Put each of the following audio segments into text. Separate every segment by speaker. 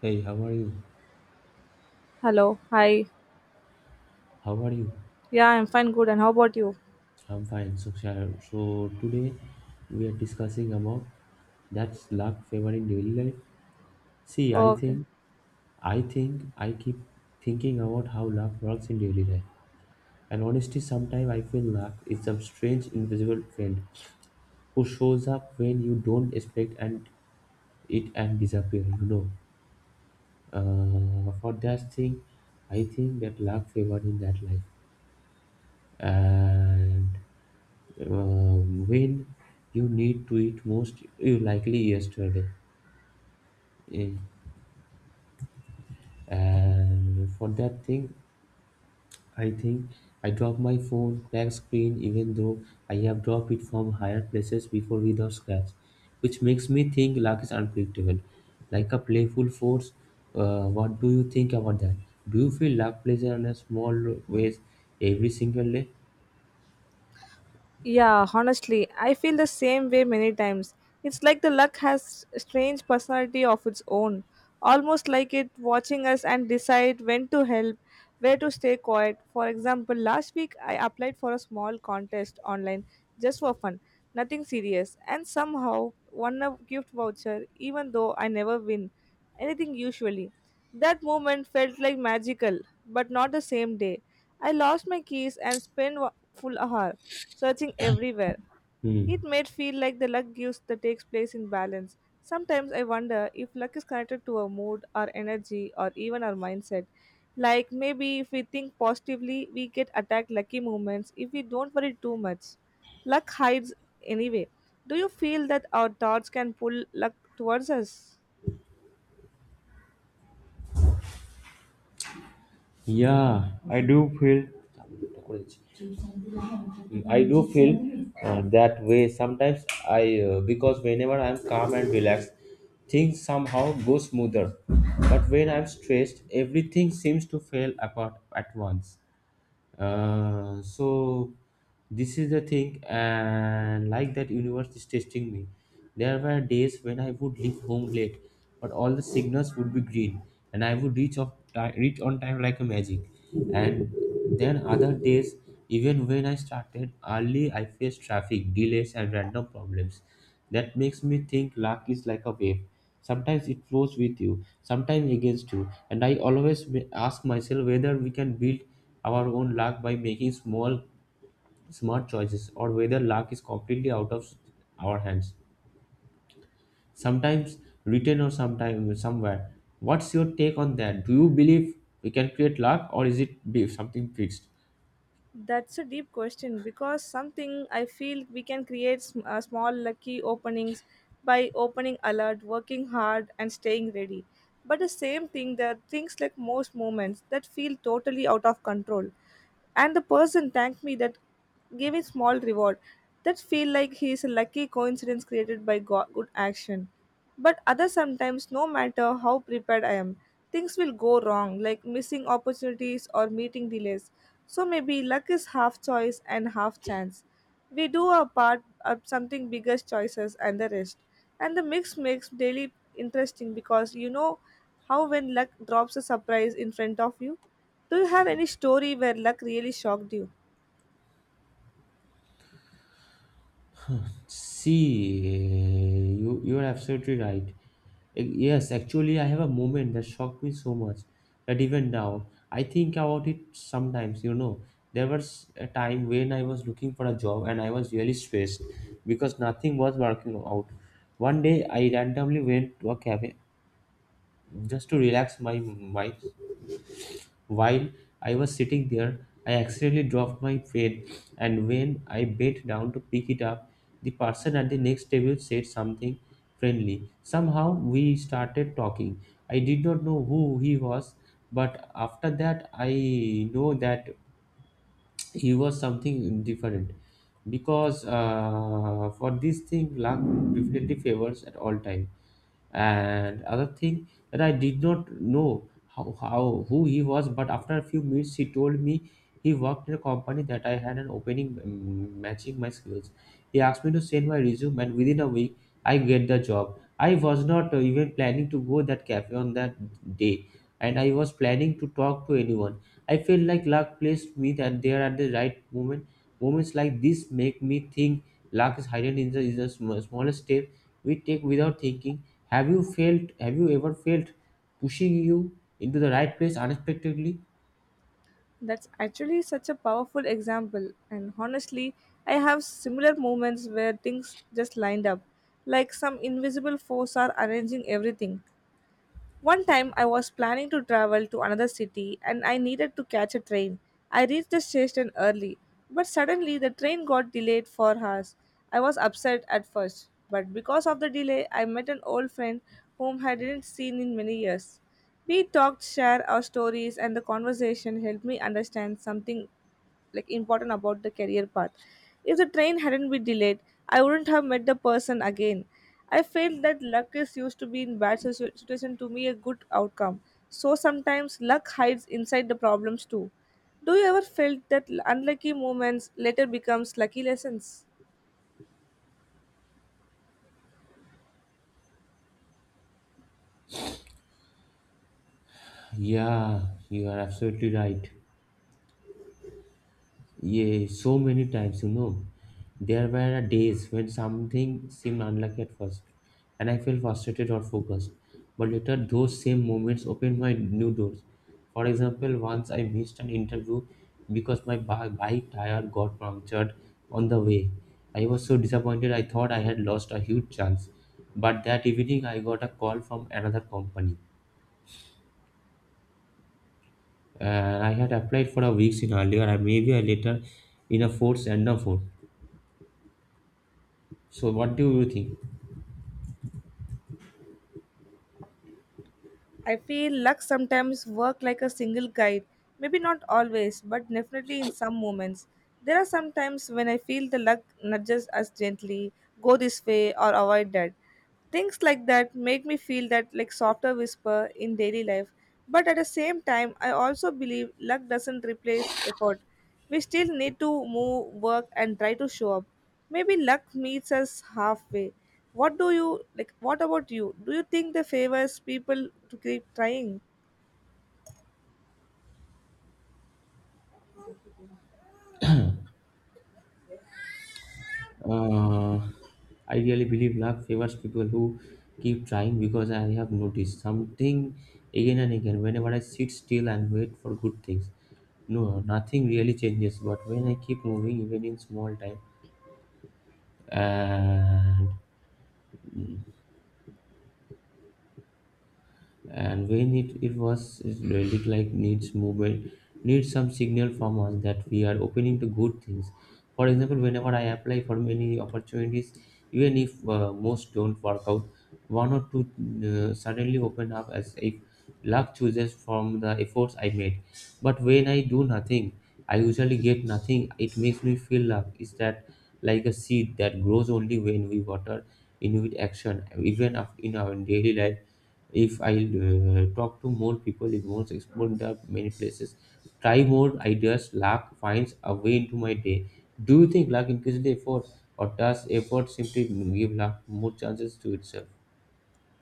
Speaker 1: Hey, how are you?
Speaker 2: Hello. Hi.
Speaker 1: How are you?
Speaker 2: Yeah, I'm fine. Good. And how about you?
Speaker 1: I'm fine. So, today we are discussing about that's luck favor in daily life. See, I
Speaker 2: Okay.
Speaker 1: think, I think, I keep thinking about how luck works in daily life. And honestly, sometimes I feel luck is some strange invisible friend who shows up when you don't expect and it and disappear. For that thing, I think that luck favor in that life and when you need to eat most you likely yesterday. Eh, and for that thing I think I dropped my phone crack screen, even though I have dropped it from higher places before without scratch, which makes me think luck is unpredictable, like a playful force. Uh, what do you think about that? Do you feel luck plays in a small ways every single day?
Speaker 2: Yeah, honestly, I feel the same way many times. It's like the luck has a strange personality of its own, almost like it watching us and decide when to help, where to stay quiet. For example, last week I applied for a small contest online just for fun, nothing serious, and somehow won a gift voucher even though I never win anything usually. That moment felt like magical, but not the same day. I lost my keys and spent full ahar, searching everywhere.
Speaker 1: hmm.
Speaker 2: It made feel like the luck gives that takes place in balance. Sometimes I wonder if luck is connected to our mood, our energy, or even our mindset. Like maybe if we think positively, we get attacked lucky moments if we don't worry too much. Luck hides anyway. Do you feel that our thoughts can pull luck towards us?
Speaker 1: Yeah, I do feel that way sometimes. I because whenever I'm calm and relaxed, things somehow go smoother. But when I'm stressed, everything seems to fall apart at once. Uh, so this is the thing, and like that universe is testing me. There were days when I would leave home late, but all the signals would be green, and I would reach on time like a magic. And then other days, even when I started early, I faced traffic delays and random problems. That makes me think luck is like a wave. Sometimes it flows with you, sometimes against you. And I always ask myself whether we can build our own luck by making small, smart choices, or whether luck is completely out of our hands. Sometimes written or sometimes somewhere. What's your take on that? Do you believe we can create luck, or is it be something fixed?
Speaker 2: That's a deep question because something I feel we can create small lucky openings by opening alert, working hard, and staying ready. But the same thing, there are things like most moments that feel totally out of control. And the person thanked me that give a small reward that feel like he is a lucky coincidence created by good action. But other sometimes no matter how prepared I am, things will go wrong like missing opportunities or meeting delays. So maybe luck is half choice and half chance. We do our part of something bigger choices and the rest, and the mix makes daily interesting. Because how when luck drops a surprise in front of you, do you have any story where luck really shocked you?
Speaker 1: See, you're absolutely right. Eh, yes, actually, I have a moment that shocked me so much that even now I think about it sometimes. You know, there was a time when I was looking for a job and I was really stressed because nothing was working out. One day, I randomly went to a cafe just to relax my mind, while I was sitting there, I accidentally dropped my pen, and when I bent down to pick it up, the person at the next table said something friendly. Somehow we started talking. I did not know who he was, but after that, I know that he was something different, because for this thing luck definitely favors at all time. And other thing that I did not know how who he was, but after a few minutes he told me he worked in a company that I had an opening, matching my skills. He asked me to send my resume, and within a week I get the job. I was not even planning to go that cafe on that day, and I was planning to talk to anyone. I feel like luck placed me that there at the right moment. Moments like this make me think luck is hidden in is the smallest step we take without thinking. Have you felt have you ever felt pushing you into the right place unexpectedly?
Speaker 2: That's actually such a powerful example, and honestly, I have similar moments where things just lined up, like some invisible force are arranging everything. One time I was planning to travel to another city and I needed to catch a train. I reached the station early, but suddenly the train got delayed for hours. I was upset at first, but because of the delay, I met an old friend whom I didn't seen in many years. We talked, shared our stories, and the conversation helped me understand something like important about the career path. If the train hadn't been delayed, I wouldn't have met the person again. I felt that luck is used to be in bad situation to be a good outcome. So sometimes luck hides inside the problems too. Do you ever felt that unlucky moments later becomes lucky lessons?
Speaker 1: Yeah, you are absolutely right. Yeah, so many times, you know. There were days when something seemed unlucky at first, and I felt frustrated or focused. But later, those same moments opened my new doors. For example, once I missed an interview because my bike tire got punctured on the way. I was so disappointed, I thought I had lost a huge chance. But that evening, I got a call from another company. And I had applied for a weeks in earlier, and maybe a later in a fourth and a fourth. So, what do you think?
Speaker 2: I feel luck sometimes work like a single guide. Maybe not always, but definitely in some moments. There are some times when I feel the luck nudges us gently, go this way or avoid that. Things like that make me feel that like softer whisper in daily life. But at the same time, I also believe luck doesn't replace effort. We still need to move, work, and try to show up. Maybe luck meets us halfway. What do you like? What about you? Do you think the favors people to keep trying?
Speaker 1: Uh, I really believe luck favors people who keep trying, because I have noticed something again and again. Whenever I sit still and wait for good things, no, nothing really changes. But when I keep moving, even in small time, and when it really like needs movement, needs some signal from us that we are opening to good things. For example, whenever I apply for many opportunities, even if most don't work out, one or two suddenly open up, as if luck chooses from the efforts I made. But when I do nothing, I usually get nothing. It makes me feel luck is that like a seed that grows only when we water in with action. Even in our daily life, if I talk to more people, it won't explore the many places, try more ideas, luck finds a way into my day. Do you think luck increases the effort, or does effort simply give luck more chances to itself?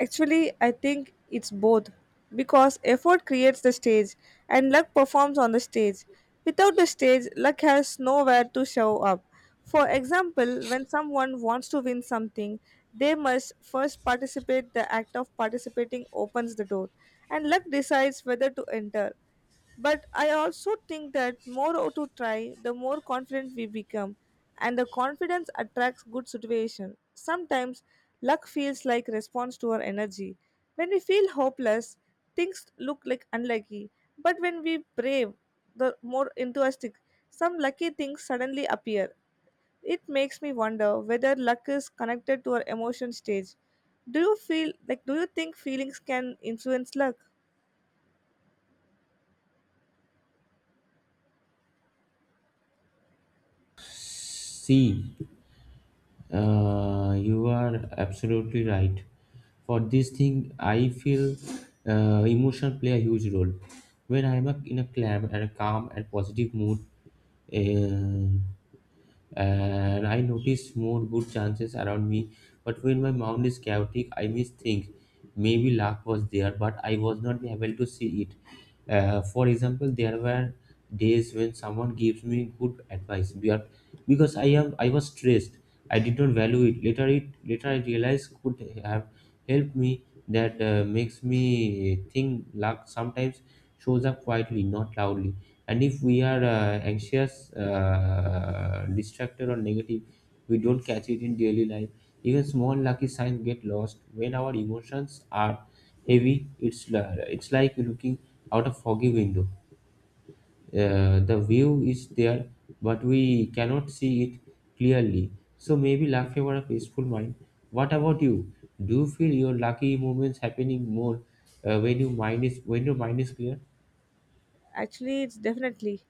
Speaker 2: Actually, I think it's both because effort creates the stage and luck performs on the stage. Without the stage, luck has nowhere to show up. For example, when someone wants to win something, they must first participate. The act of participating opens the door, and luck decides whether to enter. But I also think that more to try, the more confident we become, and the confidence attracts good situation. Sometimes luck feels like response to our energy. When we feel hopeless, things look like unlucky. But when we brave, the more enthusiastic, some lucky things suddenly appear. It makes me wonder whether luck is connected to our emotion stage. Do you think feelings can influence luck?
Speaker 1: C you are absolutely right. For this thing, I feel emotion play a huge role. When I'm in a calm and positive mood, uh, and I notice more good chances around me. But when my mind is chaotic, I miss things. Maybe luck was there, but I was not able to see it. For example, there were days when someone gives me good advice, but because I was stressed, I did not value it. Later I realized could have helped me. That makes me think luck sometimes shows up quietly, not loudly. And if we are anxious, distracted, or negative, we don't catch it in daily life. Even small lucky signs get lost when our emotions are heavy. It's it's like looking out a foggy window, the view is there, but we cannot see it clearly. So maybe luck favor a peaceful mind. What about you? Do you feel your lucky moments happening more when your mind is when your mind is clear?
Speaker 2: Actually, it's definitely.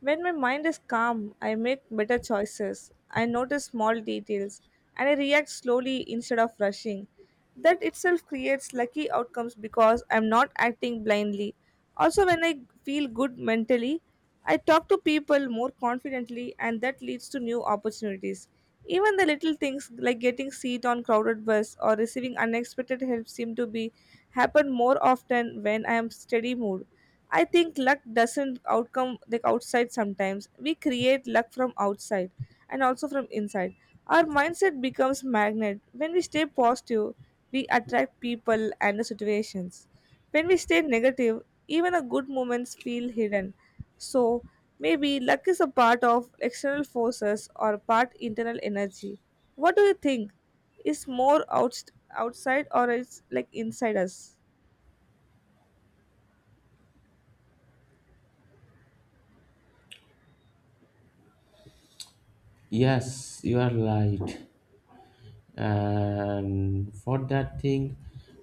Speaker 2: When my mind is calm, I make better choices. I notice small details and I react slowly instead of rushing. That itself creates lucky outcomes because I'm not acting blindly. Also, when I feel good mentally, I talk to people more confidently and that leads to new opportunities. Even the little things like getting seat on crowded bus or receiving unexpected help seem to be happen more often when I am steady mood. I think luck doesn't outcome like outside sometimes. We create luck from outside and also from inside. Our mindset becomes magnet. When we stay positive, we attract people and the situations. When we stay negative, even a good moments feel hidden. So maybe luck is a part of external forces or part internal energy. What do you think? Is more outside, or it's like inside us?
Speaker 1: Yes, you are right, and for that thing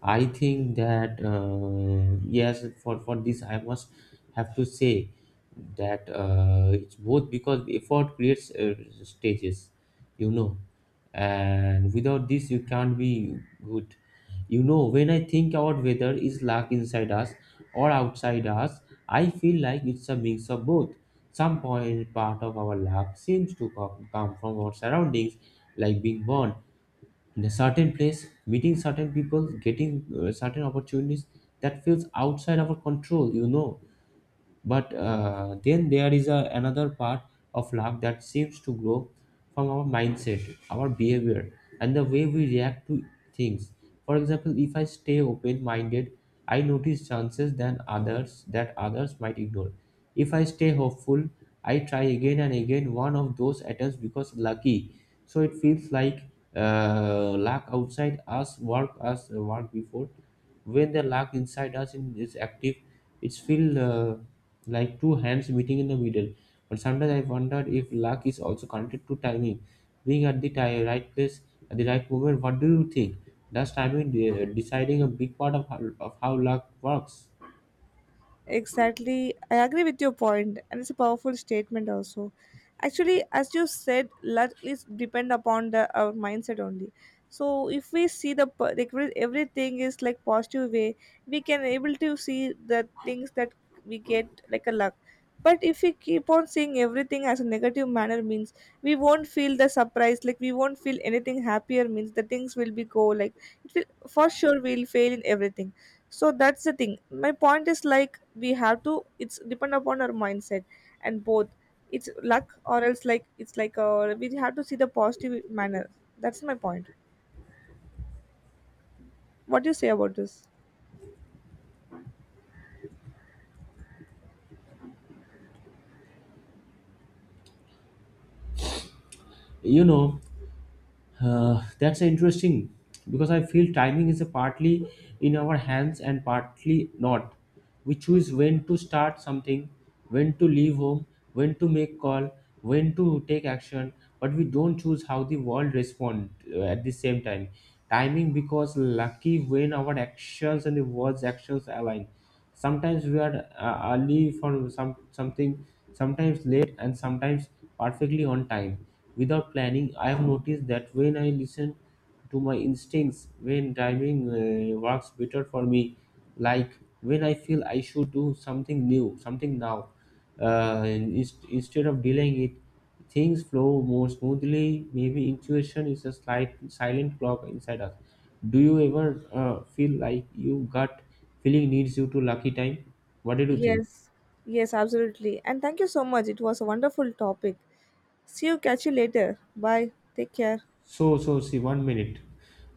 Speaker 1: I think that yes, for this I must have to say that it's both, because effort creates stages, you know, and without this you can't be good. You know, when I think about whether is luck inside us or outside us, I feel like it's a mix of both. Some point part of our luck seems to come from our surroundings, like being born in a certain place, meeting certain people, getting certain opportunities. That feels outside our control, you know. But then there is another part of luck that seems to grow from our mindset, our behavior, and the way we react to things. For example, if I stay open minded, I notice chances than others that others might ignore. If I stay hopeful, I try again and again, one of those attempts because lucky. So it feels like luck outside us work before, when the luck inside us is active. It's feel like two hands meeting in the middle. But sometimes I wonder if luck is also connected to timing, being at the right place at the right moment. What do you think? Does timing deciding a big part of of how luck works?
Speaker 2: Exactly. I agree with your point, and it's a powerful statement also. Actually, as you said, let is depend upon the our mindset only. So if we see the everything is like positive way, we can able to see the things that we get like a luck. But if we keep on seeing everything as a negative manner means we won't feel the surprise, like we won't feel anything happier means the things will be go like it will for sure we'll fail in everything. So that's the thing. My point is like we have to it's depend upon our mindset, and both, it's luck or else like it's like we have to see the positive manner. That's my point. What do you say about this?
Speaker 1: You know, that's interesting because I feel timing is a partly in our hands and partly not. We choose when to start something, when to leave home, when to make call, when to take action, but we don't choose how the world respond at the same time. Timing because lucky when our actions and the world's actions align. Sometimes we are early for some something, sometimes late, and sometimes perfectly on time without planning. I have noticed that when I listen to my instincts when driving works better for me. Like when I feel I should do something new something now, instead of delaying it, things flow more smoothly. Maybe intuition is a slight silent clock inside us. Do you ever feel like you gut feeling needs you to lucky time? What did you think?
Speaker 2: Yes, yes, absolutely, and thank you so much. It was a wonderful topic. See you, catch you later. Bye. Take care.
Speaker 1: So, see, one minute.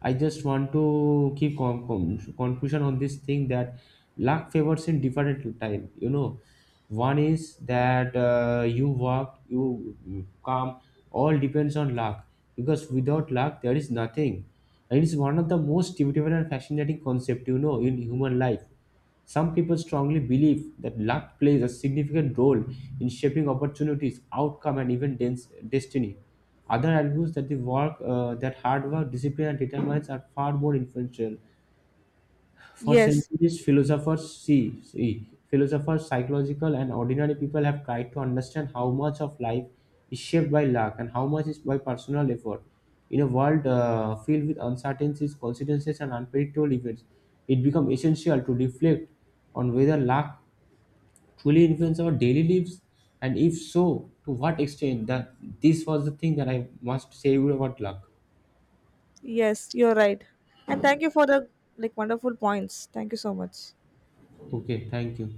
Speaker 1: I just want to keep confusion on this thing, that luck favors in different time. You know, one is that you work, you come, all depends on luck, because without luck there is nothing. And it's one of the most beautiful and fascinating concept, you know, in human life. Some people strongly believe that luck plays a significant role in shaping opportunities, outcome, and even destiny. Other argues that hard work, discipline, and determinants are far more influential. For
Speaker 2: Yes,
Speaker 1: centuries, philosophers, philosophers, psychological, and ordinary people have tried to understand how much of life is shaped by luck and how much is by personal effort. In a world filled with uncertainties, coincidences, and unpredictable events, it becomes essential to reflect on whether luck truly influences our daily lives, and if so, to what extent. That This was the thing that I must say about luck.
Speaker 2: yes, you're right, and thank you for the like wonderful points. Thank you so much.
Speaker 1: Okay, thank you.